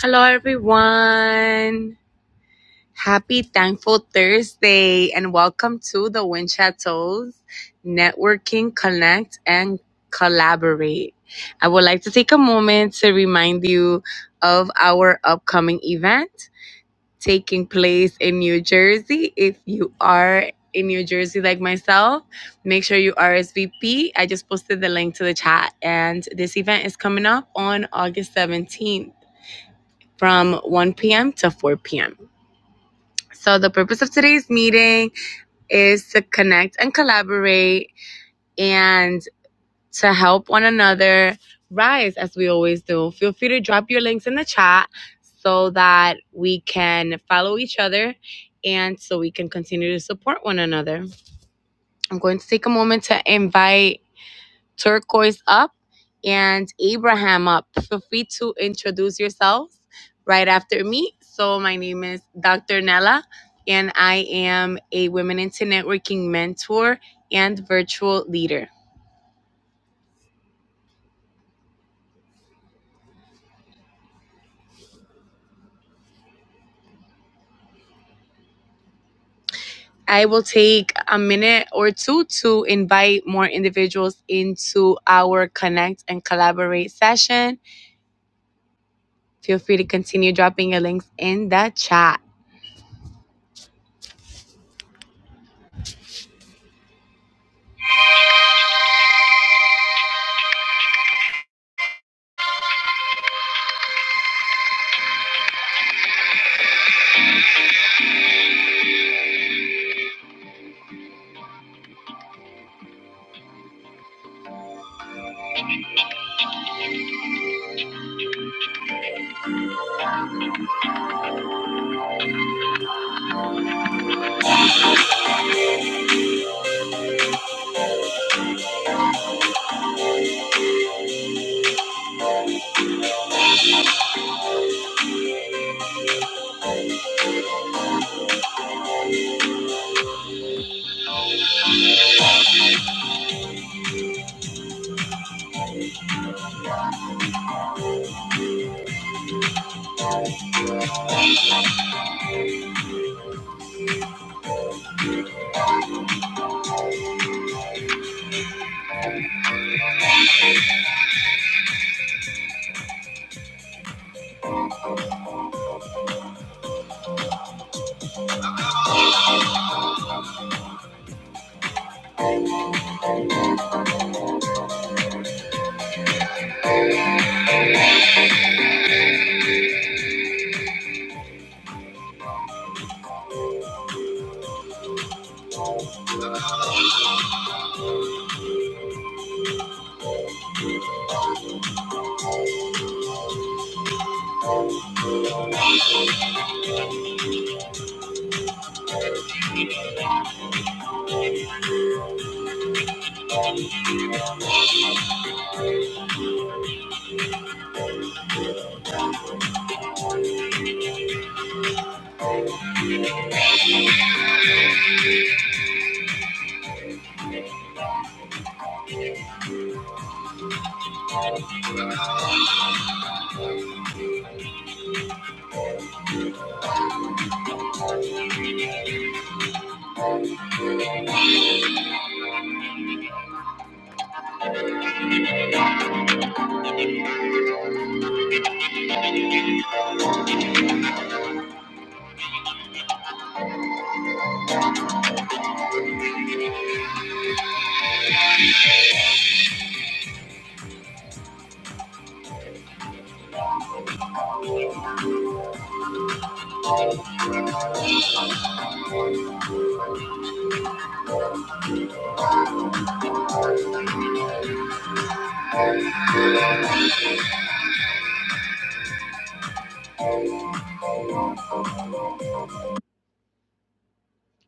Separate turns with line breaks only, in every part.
Hello, everyone. Happy Thankful Thursday and welcome to the Wind Chateaus Networking, Connect, and Collaborate. I would like to take a moment to remind you of our upcoming event taking place in New Jersey. If you are in New Jersey, like myself, make sure you RSVP. I just posted the link to the chat, and this event is coming up on August 17th from 1 p.m. to 4 p.m. So, the purpose of today's meeting is to connect and collaborate and to help one another rise as we always do. Feel free to drop your links in the chat so that we can follow each other and so we can continue to support one another. I'm going to take a moment to invite Turquoise up, and Abraham up. Feel free to introduce yourselves right after me. So, my name is Dr. Nella, and I am a Women into Networking mentor and virtual leader. I will take a minute or two to invite more individuals into our Connect and Collaborate session. Feel free to continue dropping your links in the chat.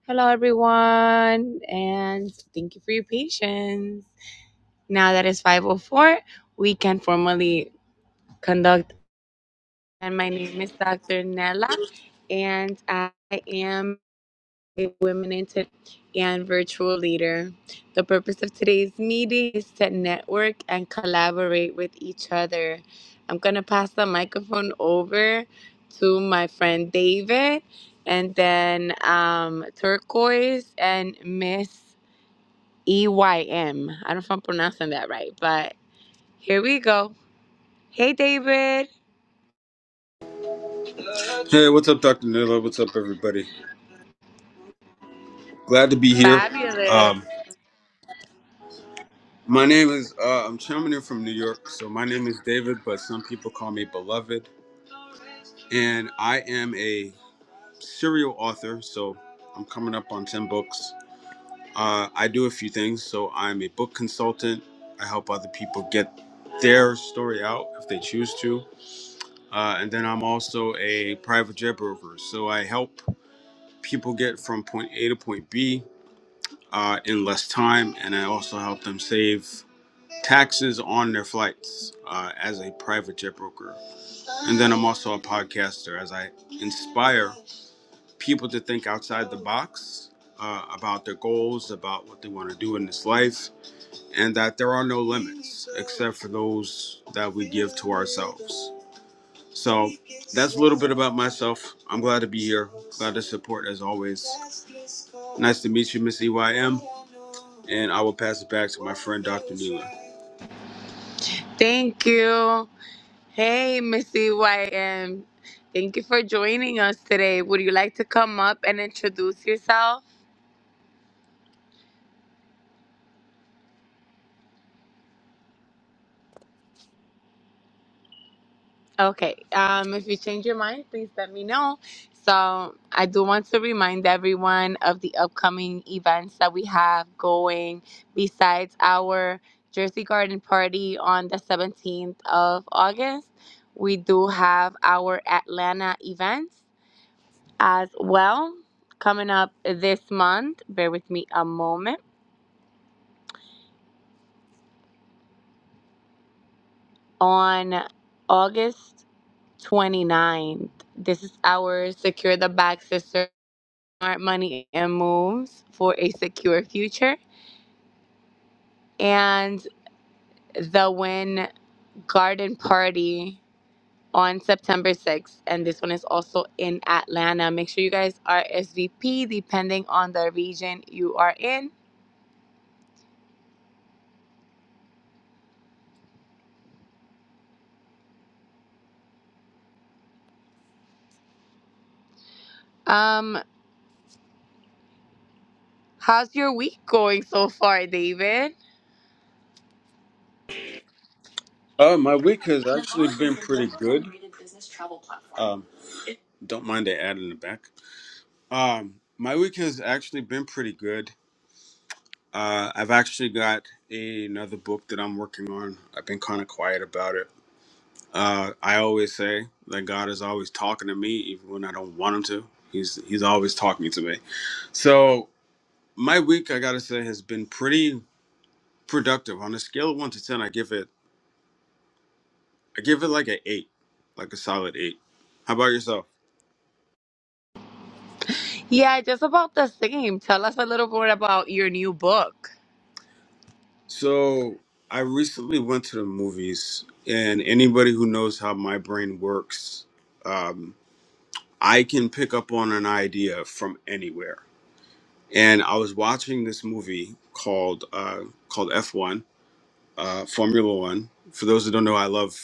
Hello, everyone, and thank you for your patience. Now that it's 504, we can formally conduct. And my name is Dr. Nella, and I am a Women in Tech and virtual leader. The purpose of today's meeting is to network and collaborate with each other. I'm going to pass the microphone over to my friend David, and then um, Turquoise and Miss E Y M. I don't know if I'm pronouncing that right, but here we go. Hey, David.
Hey, what's up, Dr. Nilo? What's up, everybody? Glad to be here.
Fabulous.
Um, my name is, uh, I'm chiming in from New York. So my name is David, but some people call me Beloved. And I am a serial author. So I'm coming up on 10 books. Uh, I do a few things. So I'm a book consultant. I help other people get their story out if they choose to. Uh, and then I'm also a private jet broker. So I help people get from point A to point B uh, in less time, and I also help them save taxes on their flights uh, as a private jet broker. And then I'm also a podcaster as I inspire people to think outside the box uh, about their goals, about what they want to do in this life, and that there are no limits except for those that we give to ourselves. So that's a little bit about myself. I'm glad to be here. Glad to support as always. Nice to meet you, Miss EYM. And I will pass it back to my friend Dr. Neela.
Thank you. Hey, Missy YM. Thank you for joining us today. Would you like to come up and introduce yourself? Okay. Um, if you change your mind, please let me know. So, I do want to remind everyone of the upcoming events that we have going besides our Jersey Garden party on the 17th of August. We do have our Atlanta events as well coming up this month. Bear with me a moment. On August 29th, this is our Secure the Bag Sister Smart Money and Moves for a Secure Future. And the Win Garden Party on September 6th. And this one is also in Atlanta. Make sure you guys RSVP depending on the region you are in. Um, how's your week going so far, David?
Uh, my week has actually been pretty good. Um, don't mind the ad in the back. Um, my week has actually been pretty good. Uh, I've actually got another book that I'm working on. I've been kind of quiet about it Uh, I always say that God is always talking to me, even when I don't want Him to. He's He's always talking to me. So my week, I gotta say, has been pretty productive. On a scale of one to ten, I give it I give it like an eight, like a solid eight. How about yourself?
Yeah, just about the same. Tell us a little bit about your new book.
So I recently went to the movies, and anybody who knows how my brain works, um, I can pick up on an idea from anywhere. And I was watching this movie called uh, called F1 uh, Formula One. For those who don't know, I love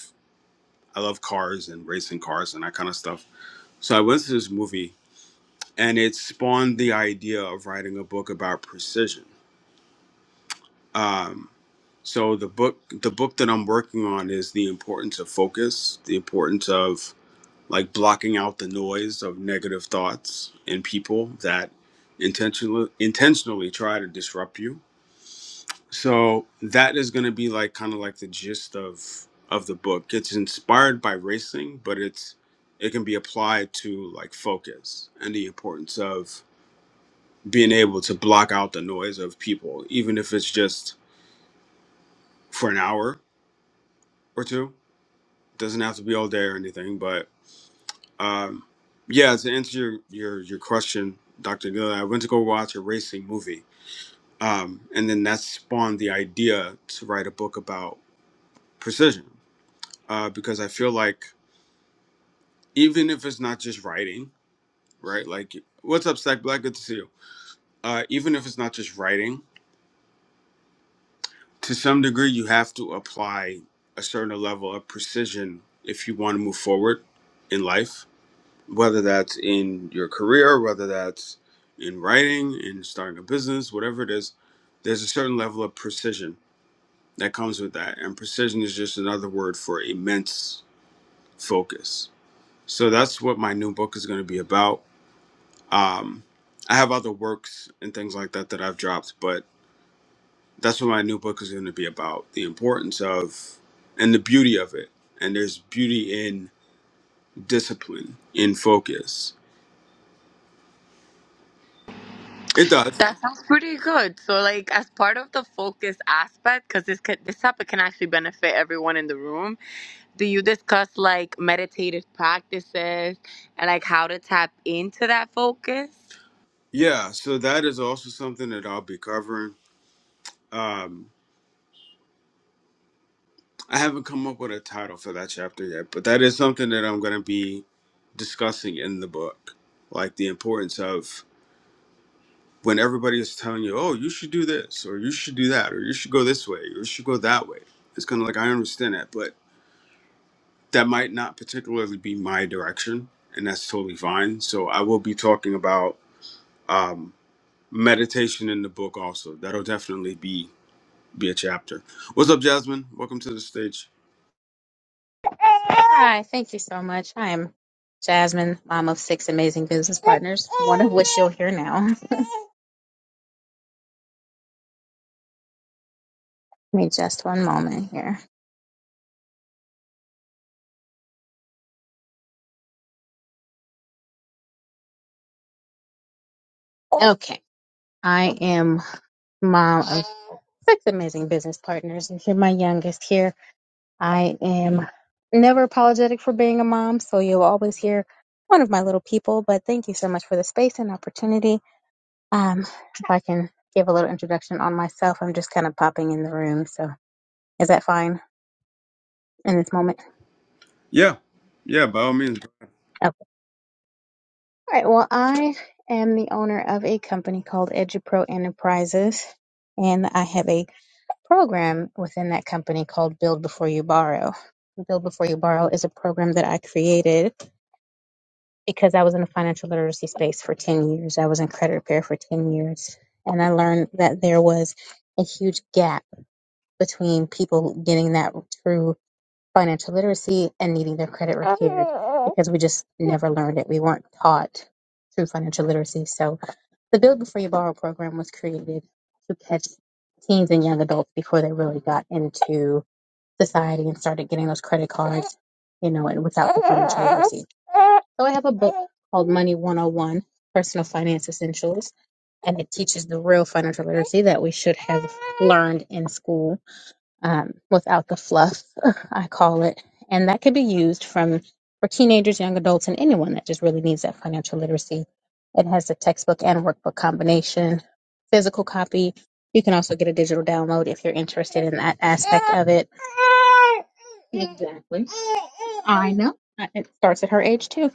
I love cars and racing cars and that kind of stuff. So I went to this movie, and it spawned the idea of writing a book about precision. Um, so the book the book that I'm working on is the importance of focus, the importance of like blocking out the noise of negative thoughts in people that intentionally intentionally try to disrupt you So that is going to be like kind of like the gist of of the book. It's inspired by racing, but it's it can be applied to like focus and the importance of being able to block out the noise of people, even if it's just for an hour or two. doesn't have to be all day or anything, but um, yeah. To answer your your your question, Doctor Gill, I went to go watch a racing movie, um, and then that spawned the idea to write a book about precision uh, because I feel like even if it's not just writing, right? Like, what's up, Stack Black? Good to see you. Uh, even if it's not just writing, to some degree, you have to apply a certain level of precision if you want to move forward in life, whether that's in your career, whether that's in writing, in starting a business, whatever it is, there's a certain level of precision that comes with that. And precision is just another word for immense focus. So that's what my new book is going to be about Um, I have other works and things like that that I've dropped, but that's what my new book is going to be about the importance of and the beauty of it. And there's beauty in discipline, in focus. It does.
That sounds pretty good. So, like, as part of the focus aspect, because this could, this topic can actually benefit everyone in the room. Do you discuss like meditative practices and like how to tap into that focus?
Yeah. So that is also something that I'll be covering. Um, I haven't come up with a title for that chapter yet, but that is something that I'm going to be discussing in the book, like the importance of when everybody is telling you, oh, you should do this, or you should do that, or you should go this way, or you should go that way, it's kind of like, I understand that, but that might not particularly be my direction, and that's totally fine. So I will be talking about um, meditation in the book also. That'll definitely be be a chapter. What's up, Jasmine? Welcome to the stage.
Hi, thank you so much. I am Jasmine, mom of six amazing business partners, one of which you'll hear now. Give me just one moment here. Okay, I am mom of six amazing business partners, and you're my youngest here. I am never apologetic for being a mom, so you'll always hear one of my little people, but thank you so much for the space and opportunity. Um, if I can give a little introduction on myself, I'm just kind of popping in the room, so is that fine in this moment?
Yeah, yeah, by all means.
Oh, All right. Well, I am the owner of a company called EduPro Enterprises, and I have a program within that company called Build Before You Borrow. Build Before You Borrow is a program that I created because I was in the financial literacy space for 10 years. I was in credit repair for 10 years, and I learned that there was a huge gap between people getting that through financial literacy and needing their credit repaired because we just never learned it. We weren't taught through financial literacy. So the Build Before You Borrow program was created to catch teens and young adults before they really got into society and started getting those credit cards, you know, and without the financial literacy. So I have a book called Money 101 Personal Finance Essentials, and it teaches the real financial literacy that we should have learned in school um, without the fluff, I call it. And that could be used from for teenagers, young adults, and anyone that just really needs that financial literacy. It has the textbook and workbook combination, physical copy. You can also get a digital download if you're interested in that aspect of it. Exactly. I know. I- It starts at her age too.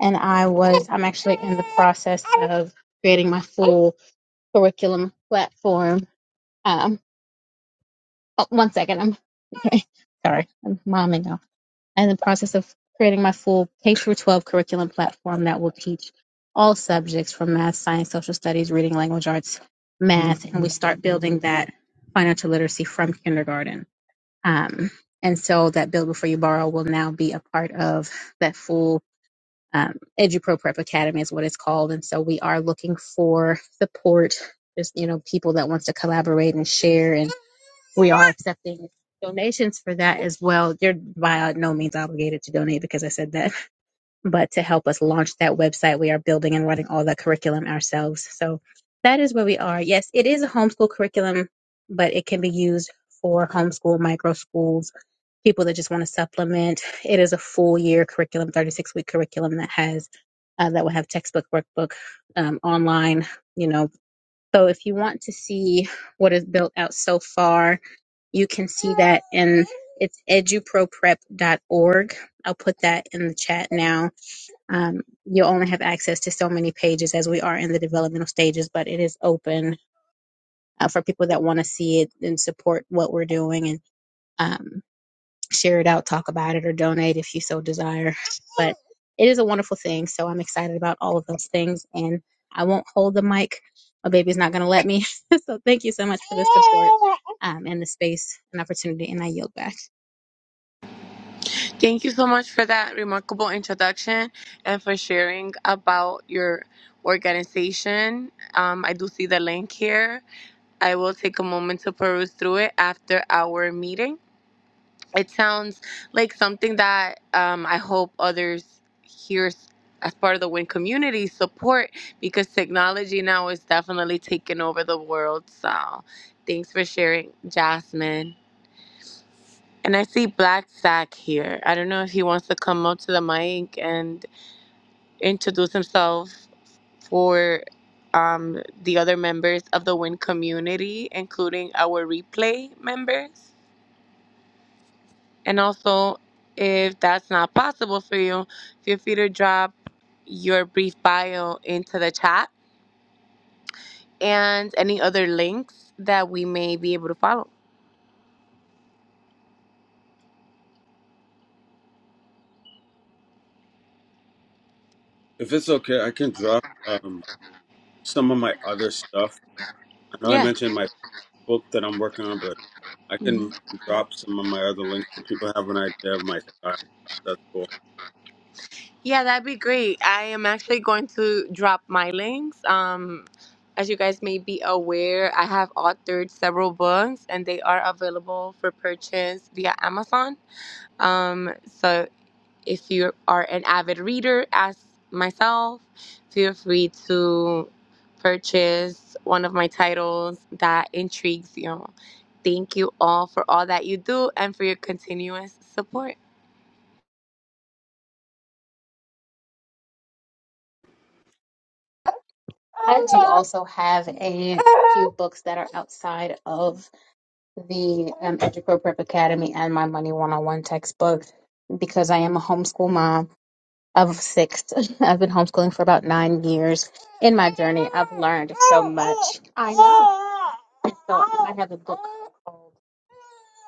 And I was, I'm actually in the process of creating my full curriculum platform um, Oh, one second. I'm okay. Sorry. I'm momming now. I'm in the process of creating my full K through 12 curriculum platform that will teach all subjects from math, science, social studies, reading, language arts, math, and we start building that financial literacy from kindergarten. Um, and so that Build Before You Borrow will now be a part of that full um, EduPro Prep Academy is what it's called. And so we are looking for support, just, you know, people that wants to collaborate and share and we are accepting donations for that as well. You're by no means obligated to donate because I said that, but to help us launch that website, we are building and running all the curriculum ourselves. So that is where we are. Yes, it is a homeschool curriculum, but it can be used for homeschool, micro schools, people that just want to supplement. It is a full year curriculum, 36 week curriculum that has uh, that will have textbook, workbook, um, online. You know, so if you want to see what is built out so far, you can see that in it's eduproprep.org. I'll put that in the chat now. Um, you'll only have access to so many pages as we are in the developmental stages, but it is open uh, for people that want to see it and support what we're doing. and. um, share it out, talk about it, or donate if you so desire. But it is a wonderful thing. So I'm excited about all of those things. And I won't hold the mic. My baby's not going to let me. so thank you so much for the support um, and the space and opportunity. And I yield back.
Thank you so much for that remarkable introduction and for sharing about your organization. Um, I do see the link here. I will take a moment to peruse through it after our meeting. it sounds like something that um, I hope others hear s- as part of the WIN community support because technology now is definitely taking over the world. So thanks for sharing, Jasmine. And I see Black Sack here. I don't know if he wants to come up to the mic and introduce himself for um, the other members of the WIN community, including our replay members. And also, if that's not possible for you, feel free to drop your brief bio into the chat and any other links that we may be able to follow.
If it's okay, I can drop um, some of my other stuff. I know I
Yeah.
mentioned my book that I'm working on, but I
hmm
can drop some of my other links so people have an idea of my style. That's cool.
Yeah, that'd be great. I am actually going to drop my links. Um, as you guys may be aware, I have authored several books and they are available for purchase via Amazon. Um, so If you are an avid reader, as myself, feel free to purchase one of my titles that intrigues you. Thank you all for all that you do and for your continuous support.
I do also have a few books that are outside of the um, Educro Prep Academy and my Money One on One textbook because I am a homeschool mom of six. I've been homeschooling for about nine years. In my journey, I've learned so much. I know. So I have a book.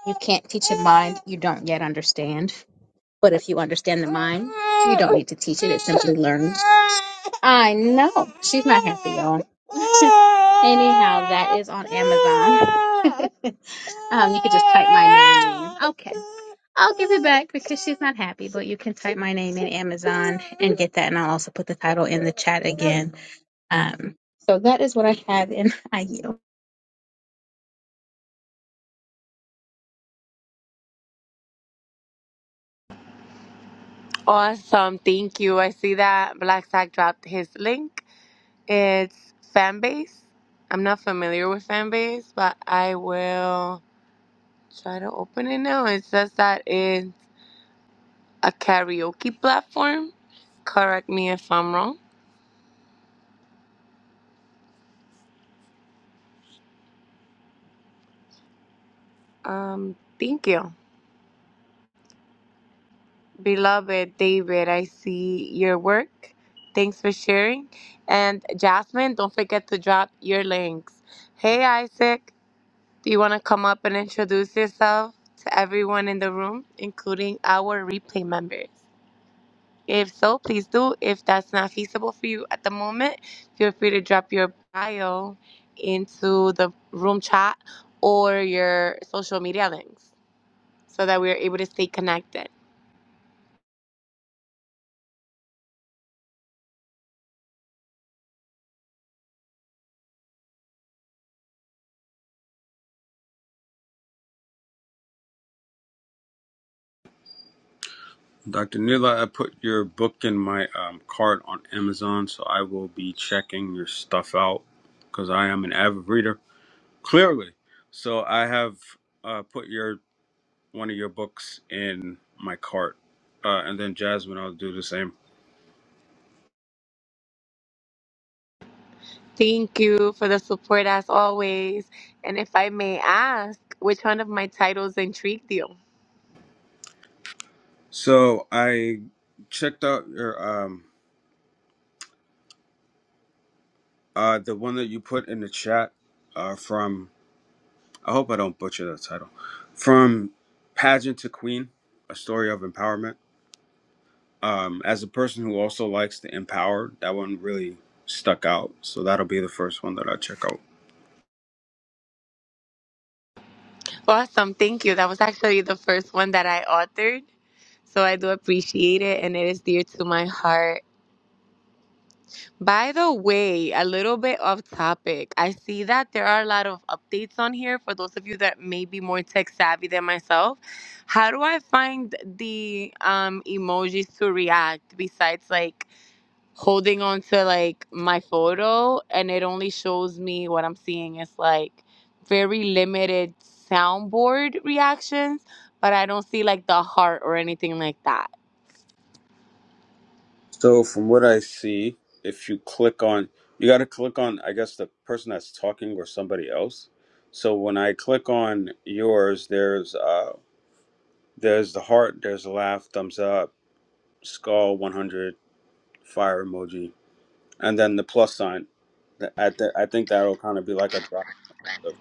You can't teach a mind you don't yet understand. But if you understand the mind, you don't need to teach it. It simply learns. I know. She's not happy, y'all. Anyhow, that is on Amazon. um, you could just type my name. Okay. I'll give it back because she's not happy, but you can type my name in Amazon and get that. And I'll also put the title in the chat again. Um, so that is what I have in IU.
Awesome. Thank you. I see that Black Sack dropped his link. It's Fanbase. I'm not familiar with Fanbase, but I will try to open it now. It says that it's a karaoke platform. Correct me if I'm wrong. Um, thank you. Beloved David, I see your work. Thanks for sharing. And Jasmine, don't forget to drop your links. Hey, Isaac, do you want to come up and introduce yourself to everyone in the room, including our replay members? If so, please do. If that's not feasible for you at the moment, feel free to drop your bio into the room chat or your social media links so that we are able to stay connected.
Dr. Nila, I put your book in my um, cart on Amazon, so I will be checking your stuff out because I am an avid reader, clearly. So I have uh, put your one of your books in my cart, uh, and then Jasmine, I'll do the same.
Thank you for the support as always. And if I may ask, which one of my titles intrigued you?
So I checked out your um, uh, the one that you put in the chat uh, from I hope I don't butcher the title. From Pageant to Queen, a story of empowerment. Um, as a person who also likes to empower, that one really stuck out. So that'll be the first one that I check out.
Awesome. Thank you. That was actually the first one that I authored. So I do appreciate it and it is dear to my heart. By the way, a little bit off topic. I see that there are a lot of updates on here for those of you that may be more tech savvy than myself. How do I find the um, emojis to react besides like holding on to like my photo and it only shows me what I'm seeing is like very limited soundboard reactions, but I don't see like the heart or anything like that.
So from what I see, if you click on, you got to click on, I guess, the person that's talking or somebody else. So when I click on yours, there's uh, there's the heart, there's the laugh, thumbs up, skull, 100, fire emoji, and then the plus sign. Th- I th- I think that'll kind of be like a drop of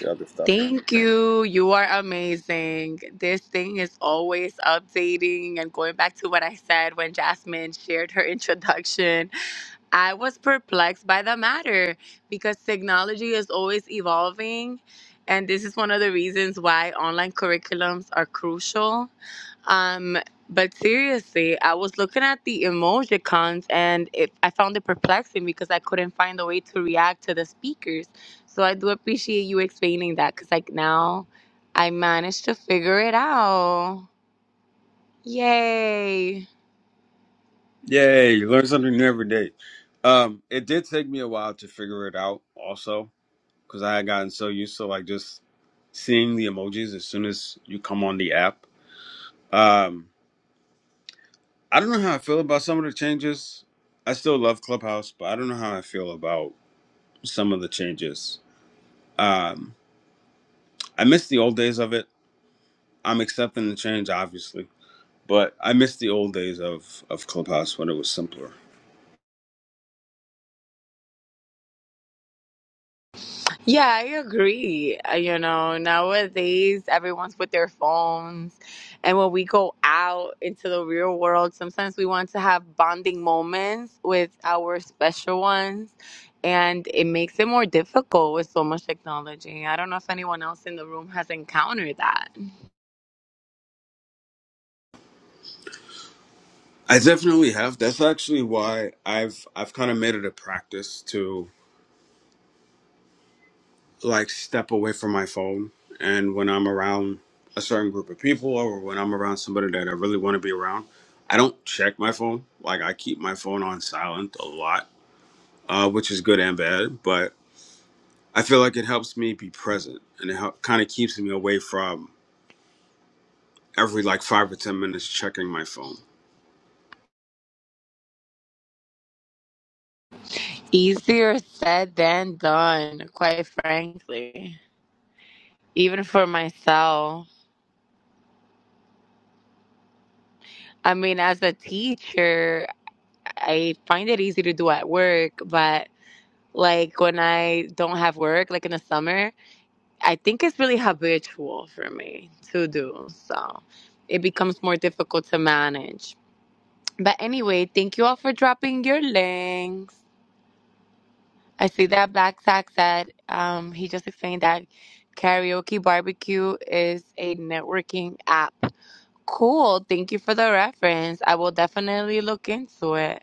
the other stuff.
Thank you. You are amazing. This thing is always updating and going back to what I said when Jasmine shared her introduction. I was perplexed by the matter because technology is always evolving. And this is one of the reasons why online curriculums are crucial um, but seriously, I was looking at the emojicons and it, I found it perplexing because I couldn't find a way to react to the speakers. So I do appreciate you explaining that because, like, now I managed to figure it out. Yay!
Yay! You learn something new every day. Um, it did take me a while to figure it out, also, because I had gotten so used to like just seeing the emojis as soon as you come on the app. Um, I don't know how I feel about some of the changes. I still love Clubhouse, but I don't know how I feel about some of the changes. Um, I miss the old days of it. I'm accepting the change, obviously But I miss the old days of of Clubhouse when it was simpler.
Yeah, I agree. Uh, You know, nowadays everyone's with their phones. And when we go out into the real world, sometimes we want to have bonding moments with our special ones. And it makes it more difficult with so much technology. I don't know if anyone else in the room has encountered that.
I definitely have. That's actually why I've I've kind of made it a practice to like step away from my phone and when I'm around a certain group of people or when I'm around somebody that I really want to be around, I don't check my phone. Like I keep my phone on silent a lot, uh, which is good and bad, but I feel like it helps me be present and it help, kind of keeps me away from every like 5 or 10 minutes checking my phone.
Easier said than done, quite frankly, even for myself. I mean, as a teacher, I find it easy to do at work, but Like when I don't have work, like in the summer, I think it's really habitual for me to do. So it becomes more difficult to manage. But anyway, thank you all for dropping your links. I see that Black Sack said um, he just explained that Karaoke Barbecue is a networking app. Cool. Thank you for the reference. I will definitely look into it.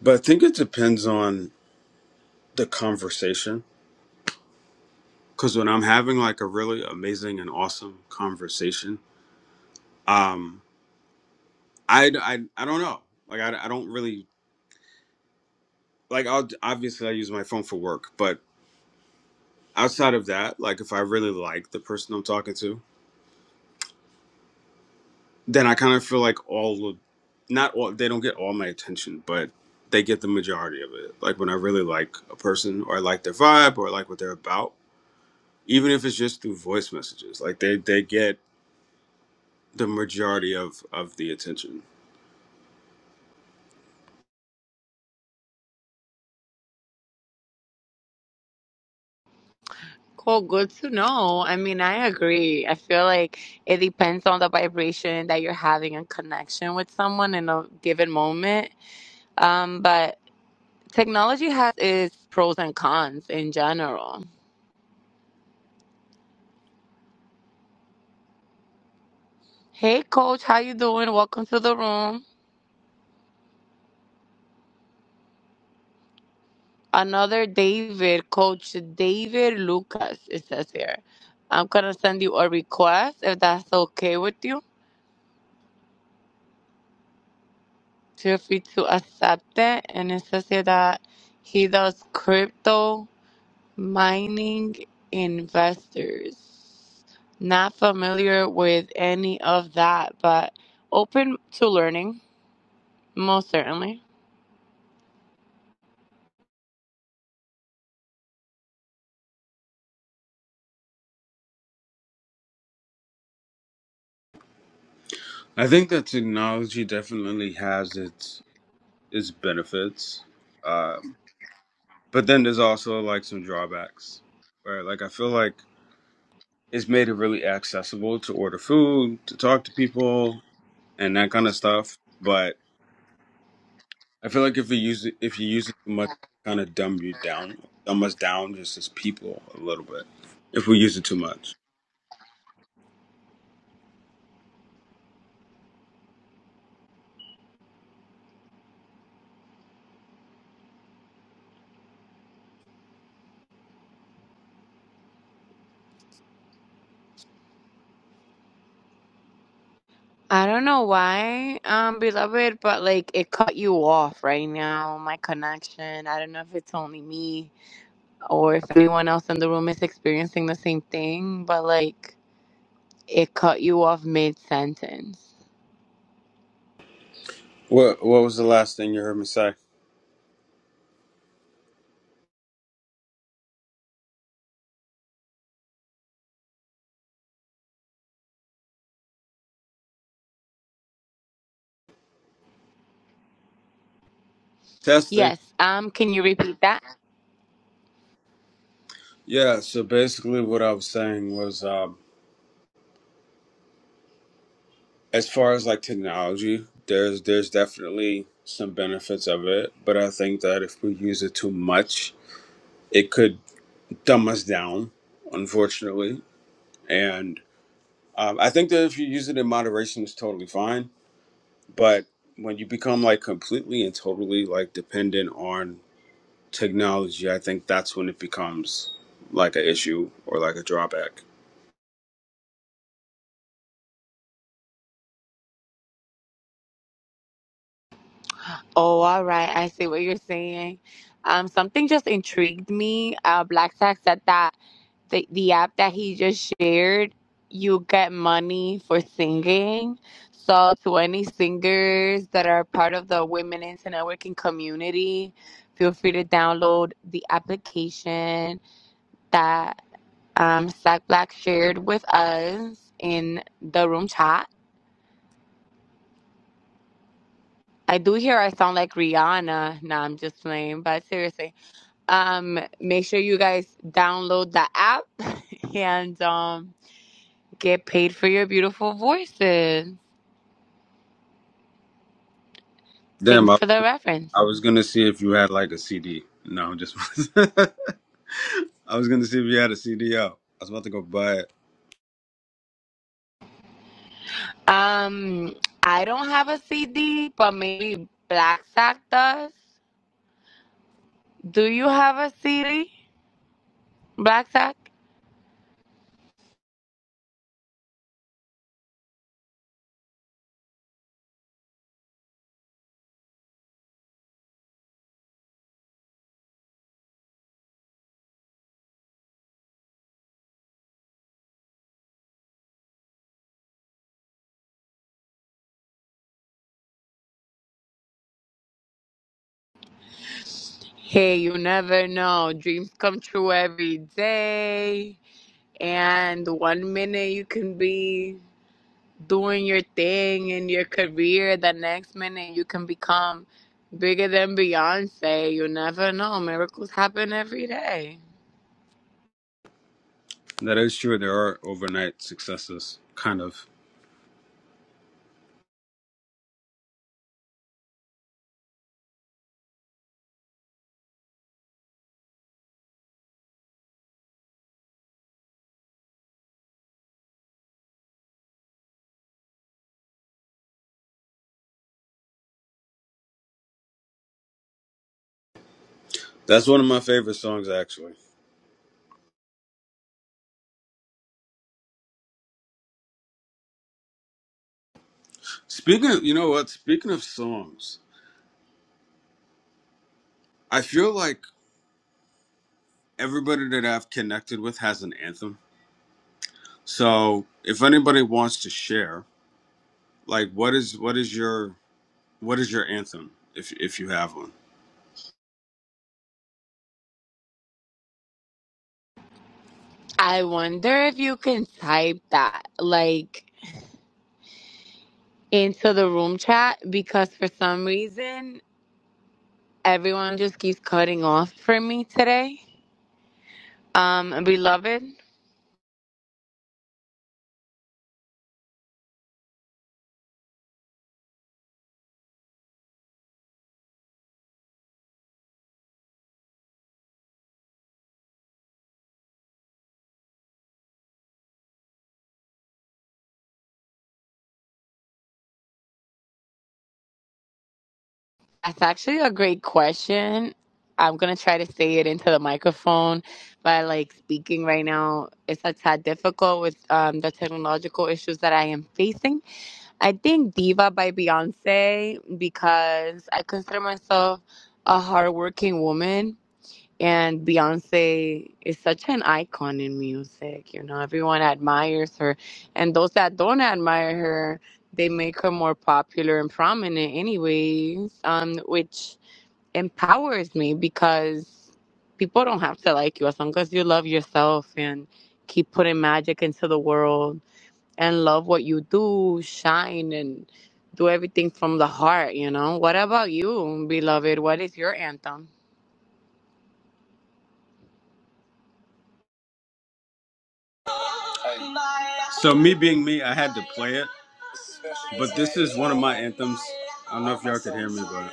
But I think it depends on the conversation because when i'm having like a really amazing and awesome conversation um i i, I don't know like I, I don't really like i'll obviously i use my phone for work but outside of that like if i really like the person i'm talking to then i kind of feel like all of not all they don't get all my attention but they get the majority of it like when i really like a person or i like their vibe or I like what they're about even if it's just through voice messages like they they get the majority of of the attention
Cool, good to know. I mean, I agree. I feel like it depends on the vibration that you're having and connection with someone in a given moment. Um, but technology has its pros and cons in general. Hey, Coach, how you doing? Welcome to the room. Another David, Coach David Lucas. It says here. I'm gonna send you a request if that's okay with you. Feel free to accept it. And it says here that he does crypto Mining investors. Not familiar with any of that, but open to learning, most certainly.
I think that technology definitely has its its benefits, um, but then there's also like some drawbacks. Right, like I feel like it's made it really accessible to order food, to talk to people, and that kind of stuff. But I feel like if you use it, if you use it too much, kind of dumb you down, dumb us down just as people a little bit. If we use it too much.
I don't know why, um, beloved, but like it cut you off right now, my connection. I don't know if it's only me or if anyone else in the room is experiencing the same thing, but like it cut you off mid sentence.
What What was the last thing you heard me say? Testing.
Yes, um, can you repeat that?
Yeah. So basically, what I was saying was. Um, as far as like technology, there's there's definitely some benefits of it, but I think that if we use it too much, it could dumb us down, unfortunately. And um, I think that if you use it in moderation, it's totally fine. But when you become like completely and totally like dependent on technology, I think that's when it becomes like an issue or like a drawback.
Oh, all right. I see what you're saying. Um, something just intrigued me. Uh, Black Sack said that the, the app that he just shared, you get money for singing. So, to any singers that are part of the Women into Networking community, feel free to download the application that um, Sack Black shared with us in the room chat. I do hear I sound like Rihanna. Nah, I'm just playing, but seriously. Um, make sure you guys download the app and um, get paid for your beautiful voices.
Damn,
Thanks
I,
for the reference.
I was gonna see if you had like a CD. No, I'm just. I was gonna see if you had a CD out. I was about to go buy it.
Um, I don't have a CD, but maybe Black Sack does. Do you have a CD, Black Sack? Hey, you never know. Dreams come true every day. And one minute you can be doing your thing in your career the next minute you can become bigger than Beyonce. You never know. Miracles happen every day.
That is true. There are overnight successes, kind of. That's one of my favorite songs, actually. Speaking, of, you know what? Speaking of songs, I feel like everybody that I've connected with has an anthem. So, if anybody wants to share, like, what is what is your what is your anthem, if if you have one?
I wonder if you can type that like into the room chat because for some reason everyone just keeps cutting off for me today. Um beloved. That's actually a great question. I'm gonna try to say it into the microphone, but like speaking right now, it's a tad difficult with um, the technological issues that I am facing. I think Diva by Beyonce because I consider myself a hardworking woman and Beyonce is such an icon in music. You know, everyone admires her. And those that don't admire her, they make her more popular and prominent, anyways, um, which empowers me because people don't have to like you as long as you love yourself and keep putting magic into the world and love what you do, shine, and do everything from the heart, you know? What about you, beloved? What is your anthem?
I, So me being me, I had to play it. But this is one of my anthems. I don't know if y'all could hear me, but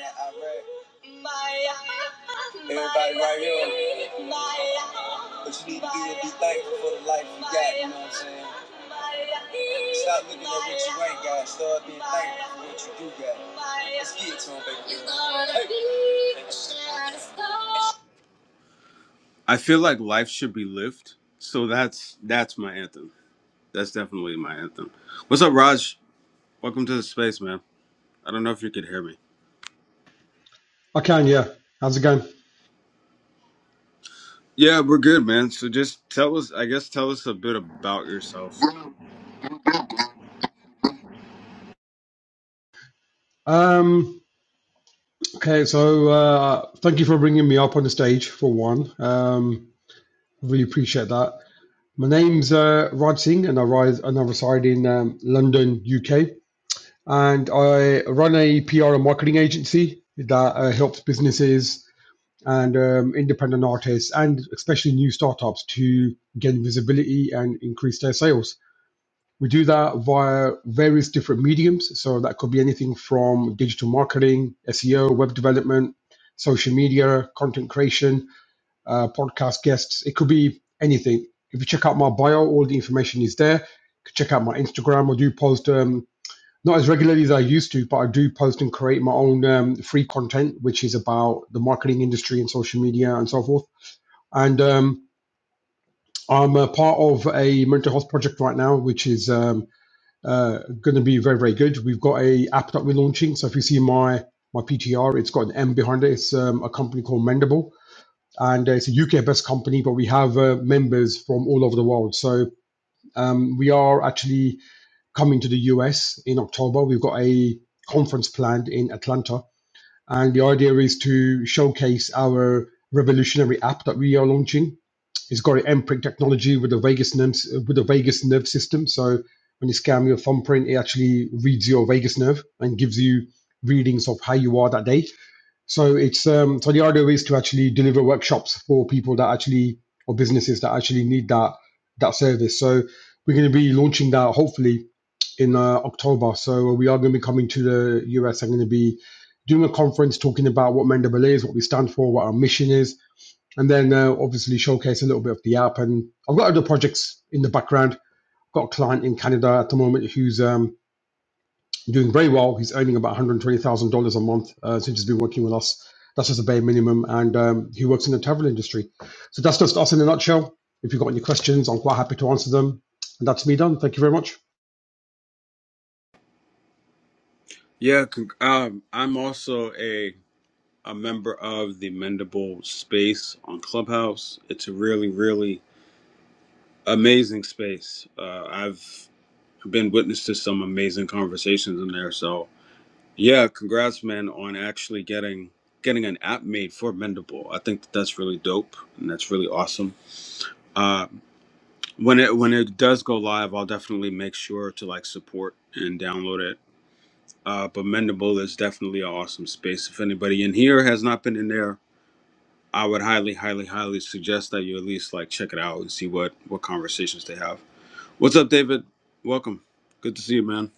everybody right here. What you need to do is be thankful for the life you got, you know what I'm saying? Stop looking at what you ain't got, start being thankful for what you do got. Let's get it to 'em, baby. Hey. I feel like life should be lived, so that's that's my anthem. That's definitely my anthem. What's up, Raj? Welcome to the space, man. I don't know if you could hear me.
I can, yeah. How's it going?
Yeah, we're good, man. So just tell us, I guess, tell us a bit about yourself.
Um, okay, so uh, thank you for bringing me up on the stage for one. Um, really appreciate that. My name's uh, Raj Singh, and I rise and I reside in um, London, UK. And I run a PR and marketing agency that uh, helps businesses and um, independent artists, and especially new startups, to gain visibility and increase their sales. We do that via various different mediums. So that could be anything from digital marketing, SEO, web development, social media, content creation, uh, podcast guests. It could be anything. If you check out my bio, all the information is there. You could check out my Instagram. I do post, um, not as regularly as I used to, but I do post and create my own um, free content, which is about the marketing industry and social media and so forth. And um, I'm a part of a mental health project right now, which is um, uh, going to be very, very good. We've got a app that we're launching. So if you see my my PTR, it's got an M behind it. It's um, a company called Mendable, and uh, it's a UK based company, but we have uh, members from all over the world. So um, we are actually coming to the US in October. We've got a conference planned in Atlanta, and the idea is to showcase our revolutionary app that we are launching it's got an imprint technology with the vagus nerve, with the vagus nerve system. So when you scan your thumbprint, it actually reads your vagus nerve and gives you readings of how you are that day. So it's um, so the idea is to actually deliver workshops for people that actually or businesses that actually need that that service. So we're going to be launching that hopefully in uh, October. So we are going to be coming to the US. I'm going to be doing a conference talking about what Mendable is, what we stand for, what our mission is, and then uh, obviously showcase a little bit of the app. And I've got other projects in the background. I've got a client in Canada at the moment who's um, doing very well. He's earning about $120,000 a month uh, since he's been working with us. That's just a bare minimum. And um, he works in the travel industry. So that's just us in a nutshell. If you've got any questions, I'm quite happy to answer them. And that's me done. Thank you very much.
Yeah, con- um, I'm also a a member of the Mendable Space on Clubhouse. It's a really, really amazing space. Uh, I've been witness to some amazing conversations in there. So yeah, congrats, man, on actually getting getting an app made for Mendable. I think that that's really dope and that's really awesome. Uh, when it when it does go live, I'll definitely make sure to like support and download it. Uh, but Mendable is definitely an awesome space. If anybody in here has not been in there, I would highly, highly, highly suggest that you at least like check it out and see what what conversations they have. What's up, David? Welcome. Good to see you, man.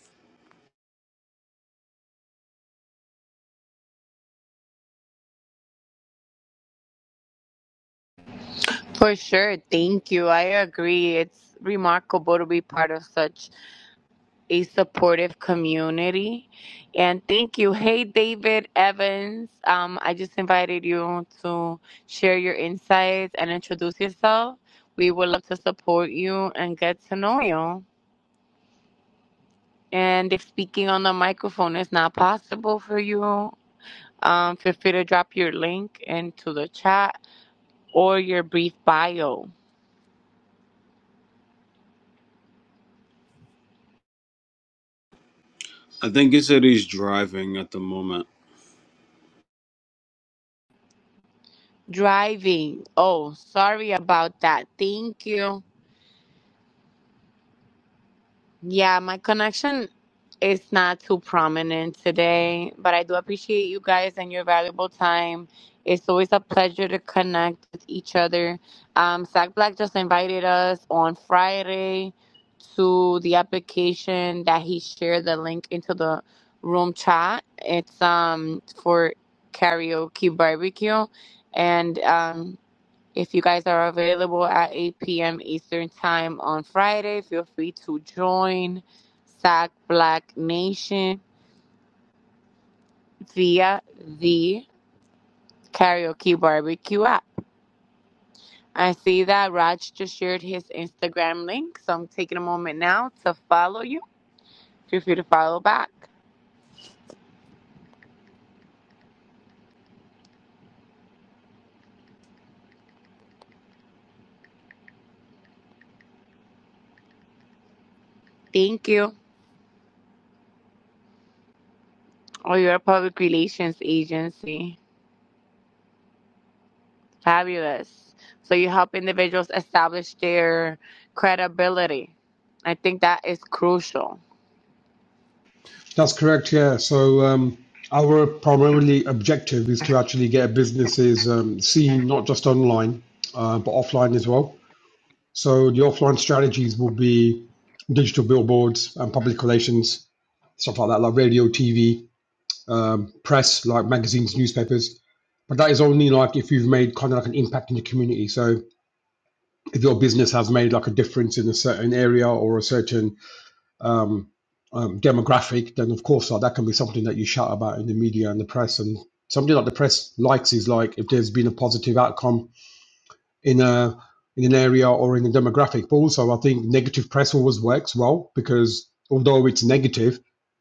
For sure. Thank you. I agree. It's remarkable to be part of such a supportive community. And thank you. Hey, David Evans. Um, I just invited you to share your insights and introduce yourself. We would love to support you and get to know you. And if speaking on the microphone is not possible for you, um, feel free to drop your link into the chat or your brief bio.
I think he said he's driving at the moment.
Driving. Oh, sorry about that. Thank you. Yeah, my connection is not too prominent today, but I do appreciate you guys and your valuable time. It's always a pleasure to connect with each other. Um, Sack Black just invited us on Friday to the application that he shared the link into the room chat. It's um for karaoke barbecue, and um If you guys are available at 8 p.m. Eastern Time on Friday, feel free to join SAC Black Nation via the Karaoke Barbecue app. I see that Raj just shared his Instagram link, so I'm taking a moment now to follow you. Feel free to follow back. Thank you. Oh, you're a public relations agency. Fabulous. So you help individuals establish their credibility. I think that is crucial
That's correct. Yeah. So um, our primarily objective is to actually get businesses um, seen not just online, uh, but offline as well So the offline strategies will be digital billboards and public relations, stuff like that, like radio, TV, um, press, like magazines, newspapers. But that is only like if you've made kind of like an impact in the community. So if your business has made like a difference in a certain area or a certain um, um, demographic, then of course like, that can be something that you shout about in the media and the press. And something that the press likes is like if there's been a positive outcome in a in an area or in a demographic. But also, I think negative press always works well because although it's negative,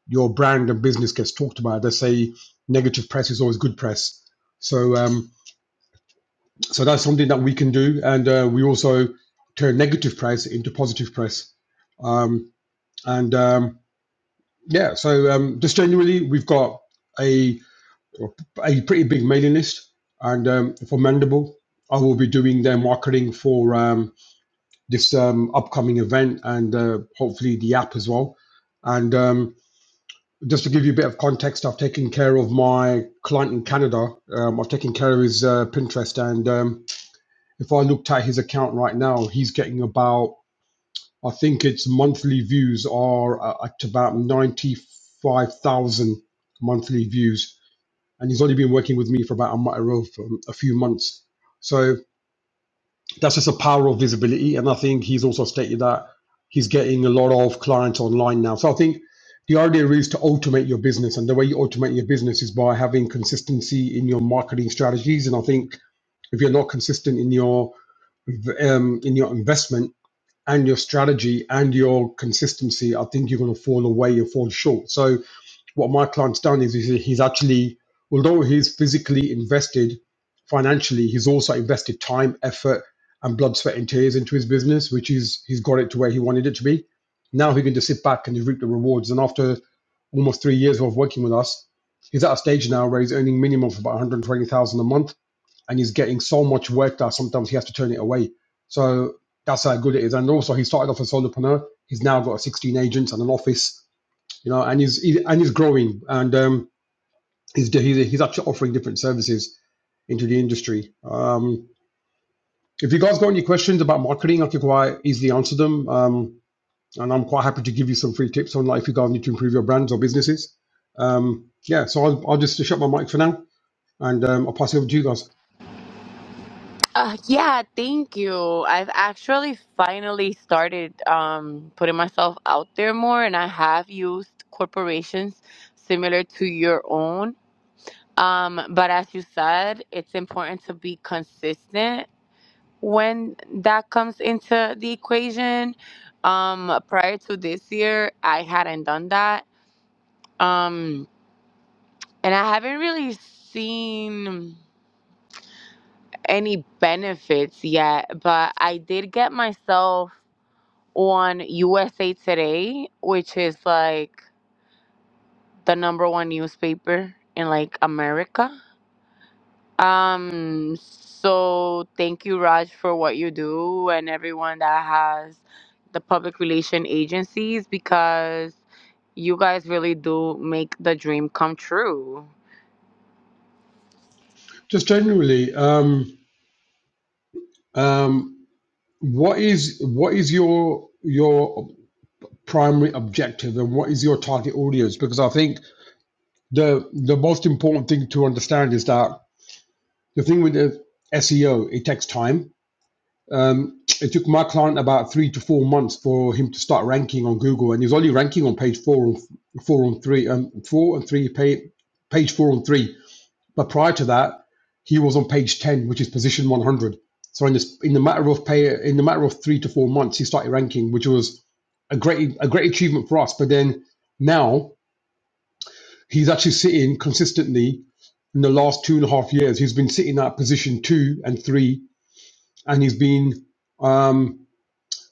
your brand and business gets talked about. They say negative press is always good press. So um, so that's something that we can do, and uh, we also turn negative press into positive press. Um, and um, yeah, so um, just generally, we've got a a pretty big mailing list, and um, for Mandible, I will be doing their marketing for. Um, this um, upcoming event and uh, hopefully the app as well. And um, just to give you a bit of context, I've taken care of my client in Canada. Um, I've taken care of his uh, Pinterest, and um, if I looked at his account right now, he's getting about I think its monthly views are uh, at about ninety five thousand monthly views, and he's only been working with me for about a, matter of, um, a few months. So that's just a power of visibility. And I think he's also stated that he's getting a lot of clients online now. So I think the idea is to automate your business. And the way you automate your business is by having consistency in your marketing strategies. And I think if you're not consistent in your um, in your investment and your strategy and your consistency, I think you're going to fall away and fall short. So what my client's done is, he's actually, although he's physically invested financially, he's also invested time, effort, and blood, sweat, and tears into his business, which is he's got it to where he wanted it to be. Now he can just sit back and reap the rewards. And after almost three years of working with us, he's at a stage now where he's earning minimum of about 120,000 a month and he's getting so much work that sometimes he has to turn it away. So that's how good it is. And also, he started off as a solopreneur. He's now got 16 agents and an office you know, and he's he, and he's growing, and um, he's he's he's actually offering different services into the industry. Um, if you guys got any questions about marketing, I can quite easily answer them, um, and I'm quite happy to give you some free tips on like if you guys need to improve your brands or businesses. Um, yeah, so I'll, I'll just shut my mic for now, and um, I'll pass it over to you guys.
Uh, yeah, thank you. I've actually finally started um, putting myself out there more, and I have used corporations similar to your own. Um, but as you said, it's important to be consistent when that comes into the equation. Um, prior to this year, I hadn't done that. Um, and I haven't really seen any benefits yet, but I did get myself on USA Today, which is like the number one newspaper in like America. Um so thank you Raj for what you do and everyone that has the public relation agencies because you guys really do make the dream come true.
Just generally, um, um, what is what is your your primary objective, and what is your target audience? Because I think the the most important thing to understand is that the thing with the SEO, it takes time. Um, it took my client about three to four months for him to start ranking on Google, and he was only ranking on page four and four and three, um, four and three page page four and three. But prior to that, he was on page ten, which is position one hundred. So in this in the matter of pay in the matter of three to four months, he started ranking, which was a great a great achievement for us. But then now he's actually sitting consistently in the last two and a half years, he's been sitting at position two and three, and he's been um,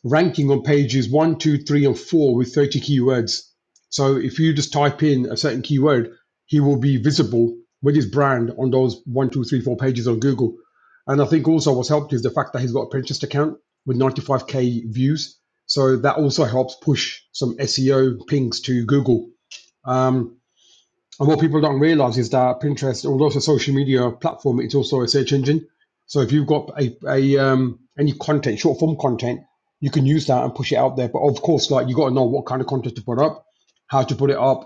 ranking on pages one, two, three, and four with 30 keywords. So if you just type in a certain keyword, he will be visible with his brand on those one, two, three, four pages on Google. And I think also what's helped is the fact that he's got a Pinterest account with 95k views. So that also helps push some SEO pings to Google. Um, and what people don't realize is that Pinterest, although it's a social media platform, it's also a search engine. So if you've got a, a um, any content, short form content, you can use that and push it out there. But of course, like you got to know what kind of content to put up, how to put it up,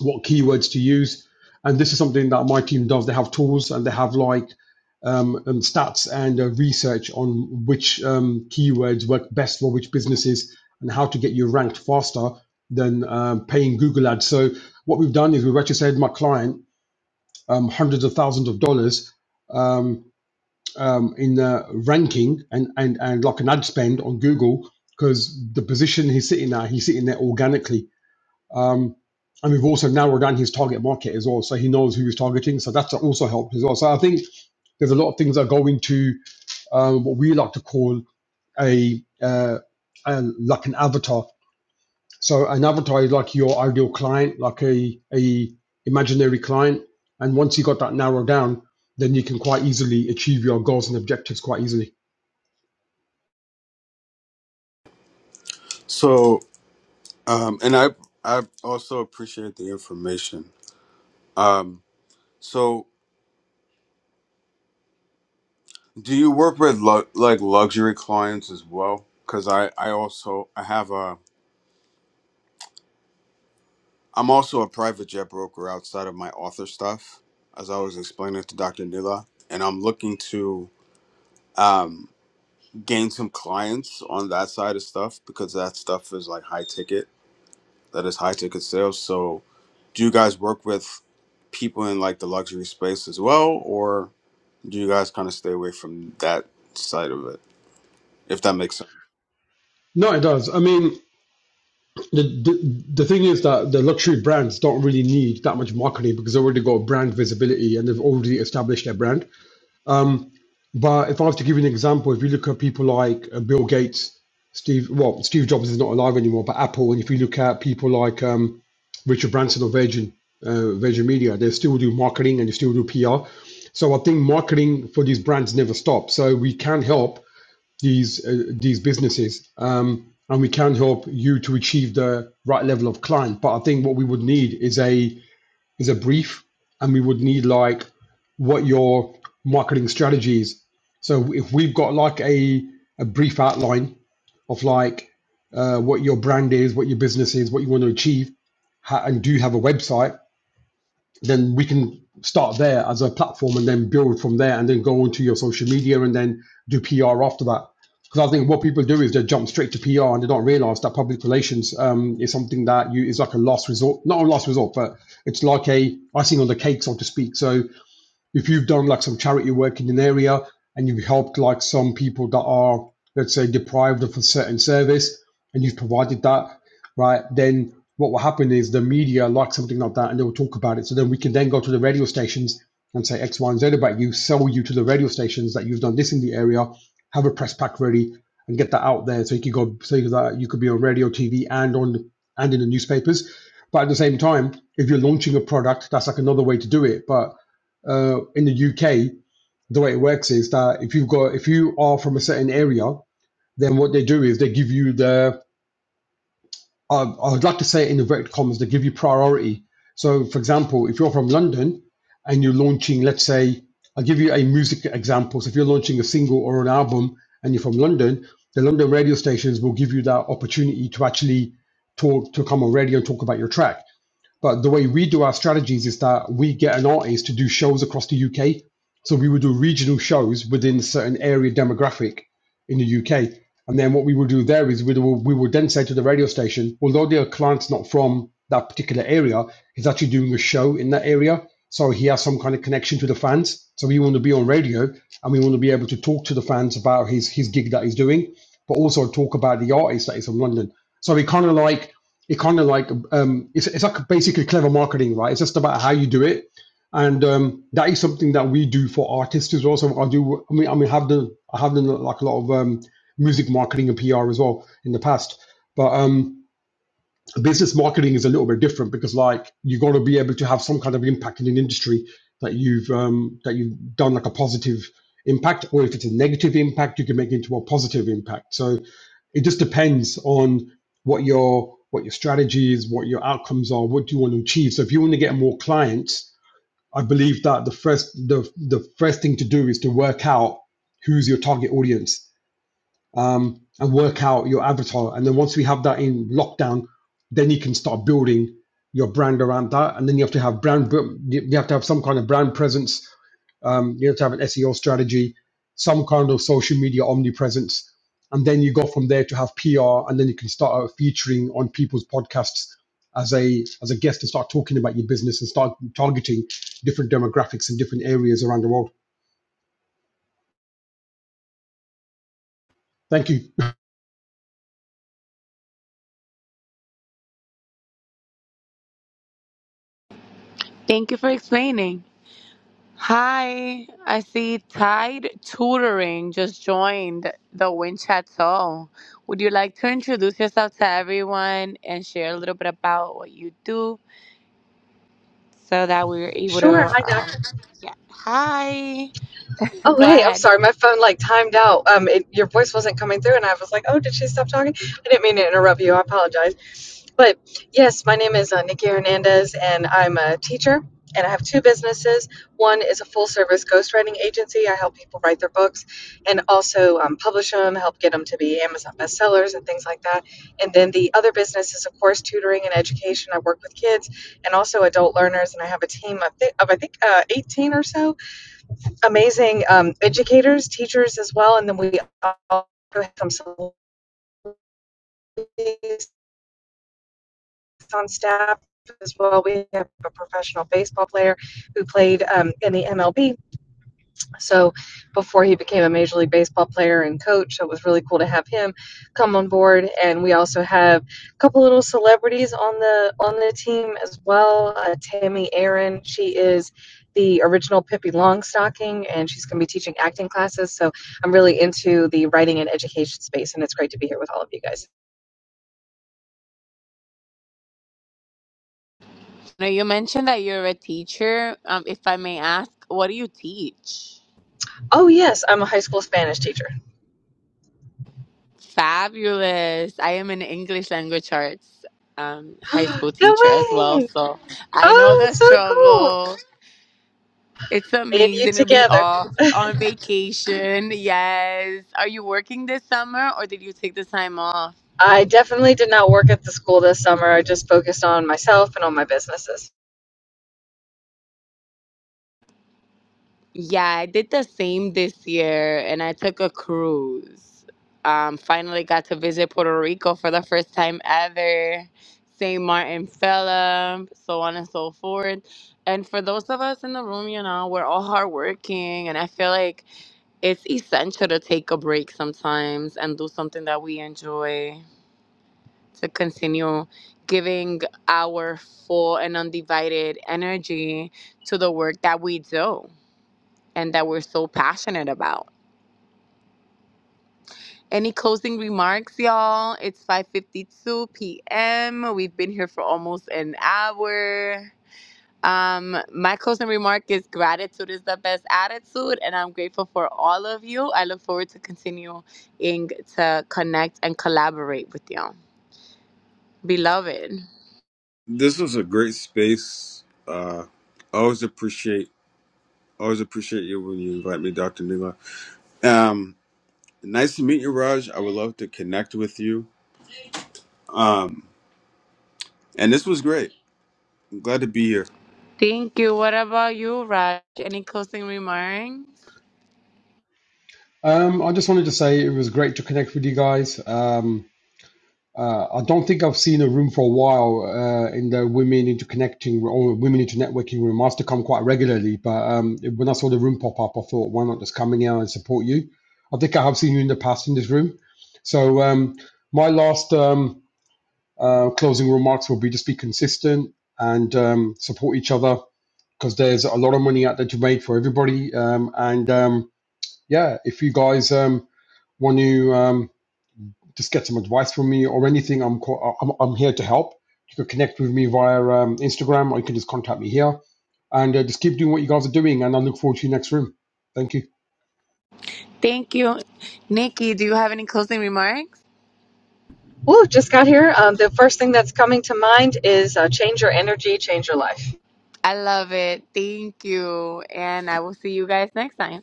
what keywords to use. And this is something that my team does. They have tools and they have like um, um, stats and uh, research on which um, keywords work best for which businesses and how to get you ranked faster than um, paying Google ads. So what we've done is we've actually saved my client um, hundreds of thousands of dollars um, um, in uh, ranking and, and, and like an ad spend on Google because the position he's sitting at, he's sitting there organically um, and we've also narrowed down his target market as well, so he knows who he's targeting. So that's also helped as well. So I think there's a lot of things that go into um, what we like to call a, uh, a like an avatar. So an avatar is like your ideal client, like a a imaginary client. And once you got that narrowed down, then you can quite easily achieve your goals and objectives quite easily.
So, um, and I I also appreciate the information. Um, so Do you work with lu- like luxury clients as well? Because I I also I have a I'm also a private jet broker outside of my author stuff, as I was explaining to Dr. Nila, and I'm looking to um, gain some clients on that side of stuff because that stuff is like high ticket, that is high ticket sales. So, do you guys work with people in like the luxury space as well, or do you guys kind of stay away from that side of it? If that makes sense.
No, it does. I mean, The, the the thing is that the luxury brands don't really need that much marketing because they already got brand visibility and they've already established their brand. But if I was to give you an example, if you look at people like uh, Bill Gates, Steve, well, Steve Jobs is not alive anymore, but Apple, and if you look at people like um, Richard Branson or Virgin, uh, Virgin Media, they still do marketing and they still do PR. So I think marketing for these brands never stops. So we can help these uh, these businesses, um, and we can help you to achieve the right level of client. But I think what we would need is a is a brief, and we would need like what your marketing strategy is. So if we've got like a a brief outline of like uh, what your brand is, what your business is, what you want to achieve, how, and do you have a website? then we can start there as a platform and then build from there and then go onto your social media and then do PR after that. Because I think what people do is they jump straight to PR and they don't realize that public relations um, is something that you is like a last resort, not a last resort, but it's like a icing on the cake, so to speak. So if you've done like some charity work in an area and you've helped like some people that are let's say deprived of a certain service and you've provided that right then what will happen is the media like something like that and they will talk about it so then we can then go to the radio stations and say x y and z about you sell you to the radio stations that you've done this in the area have a press pack ready and get that out there so you could go so that you could be on radio tv and on and in the newspapers but at the same time if you're launching a product that's like another way to do it but uh, in the UK, the way it works is that if you've got if you are from a certain area, then what they do is they give you the I I would like to say it in inverted commas they give you priority. So, for example, if you're from London and you're launching, let's say, I'll give you a music example. So, if you're launching a single or an album and you're from London, the London radio stations will give you that opportunity to actually talk to come on radio and talk about your track. But the way we do our strategies is that we get an artist to do shows across the UK. So we would do regional shows within a certain area demographic in the UK. And then what we would do there is we would, we would then say to the radio station, although their client's not from that particular area, he's actually doing a show in that area. So he has some kind of connection to the fans. So we want to be on radio and we want to be able to talk to the fans about his, his gig that he's doing, but also talk about the artist that is from London. So we kind of like it kind of like um, it's it's like basically clever marketing, right? It's just about how you do it, and um, that is something that we do for artists as well. So I do, I mean, I mean, have done I have done like a lot of um, music marketing and PR as well in the past, but um, business marketing is a little bit different because like you got to be able to have some kind of impact in an industry that you've um, that you've done like a positive impact, or if it's a negative impact, you can make it into a positive impact. So it just depends on what your what your strategy is, what your outcomes are, what do you want to achieve. So if you want to get more clients, I believe that the first the the first thing to do is to work out who's your target audience um, and work out your avatar. And then once we have that in lockdown, then you can start building your brand around that. And then you have to have brand, you have to have some kind of brand presence. Um, you have to have an SEO strategy, some kind of social media omnipresence. And then you go from there to have PR, and then you can start out featuring on people's podcasts as a as a guest and start talking about your business and start targeting different demographics in different areas around the world. Thank you.
Thank you for explaining. Hi, I see Tide Tutoring just joined the Wind Chateau. Would you like to introduce yourself to everyone and share a little bit about what you do so that we're able to?
Sure. Hi,
Um,
doctor.
yeah. Hi.
Oh,
Go
hey. I'm
ahead.
sorry. My phone like timed out. Um, it, your voice wasn't coming through, and I was like, "Oh, did she stop talking?" I didn't mean to interrupt you. I apologize. But yes, my name is uh, Nikki Hernandez, and I'm a teacher, and I have two businesses. One is a full-service ghostwriting agency. I help people write their books, and also um, publish them, help get them to be Amazon bestsellers and things like that. And then the other business is, of course, tutoring and education. I work with kids and also adult learners, and I have a team of, th- of I think uh, 18 or so amazing um, educators, teachers as well, and then we also have some celebrities on staff as well. We have a professional baseball player who played um, in the MLB So before he became a Major League Baseball player and coach, so it was really cool to have him come on board. And we also have a couple little celebrities on the on the team as well. Uh, Tammy Aaron, she is the original Pippi Longstocking, and she's going to be teaching acting classes. So I'm really into the writing and education space, and it's great to be here with all of you guys.
Now, you mentioned that you're a teacher. Um, if I may ask, what do you teach?
Oh yes, I'm a high school Spanish teacher.
Fabulous. I am an English language arts um, high school
no
teacher as well,
way!
so I know
Oh,
the
so cool!
struggle. It's
Me and you
amazing to be
together.
off on vacation. Yes. Are you working this summer or did you take the time off?
I definitely did not work at the school this summer. I just focused on myself and on my businesses.
Yeah, I did the same this year and I took a cruise. Um, finally got to visit Puerto Rico for the first time ever. St. Martin Fella, so on and so forth. And for those of us in the room, you know, we're all hardworking and I feel like it's essential to take a break sometimes and do something that we enjoy. to continue giving our full and undivided energy to the work that we do and that we're so passionate about. Any closing remarks, y'all? It's 5:52 p.m. We've been here for almost an hour. Um, my closing remark is gratitude is the best attitude, and I'm grateful for all of you. I look forward to continuing to connect and collaborate with y'all. Beloved.
This was a great space. Uh, I always appreciate always appreciate you when you invite me, Doctor Nila. Um, nice to meet you, Raj. I would love to connect with you. Um, and this was great. I'm glad to be here.
Thank you. What about you, Raj? Any closing remarks?
Um, I just wanted to say it was great to connect with you guys. Um, uh, I don't think I've seen a room for a while uh, in the women into connecting or women into networking room. I used to come quite regularly, but um, when I saw the room pop up, I thought, why not just come in here and support you? I think I have seen you in the past in this room. So um, my last um, uh, closing remarks will be just be consistent and um, support each other because there's a lot of money out there to make for everybody. Um, and um, yeah, if you guys um, want to um, just get some advice from me or anything, I'm, co- I'm, I'm here to help. You can connect with me via um, Instagram or you can just contact me here. And uh, just keep doing what you guys are doing. And I look forward to your next room. Thank you.
Thank you. Nikki, do you have any closing remarks?
Woo, just got here. Um, the first thing that's coming to mind is uh, change your energy, change your life.
I love it. Thank you. And I will see you guys next time.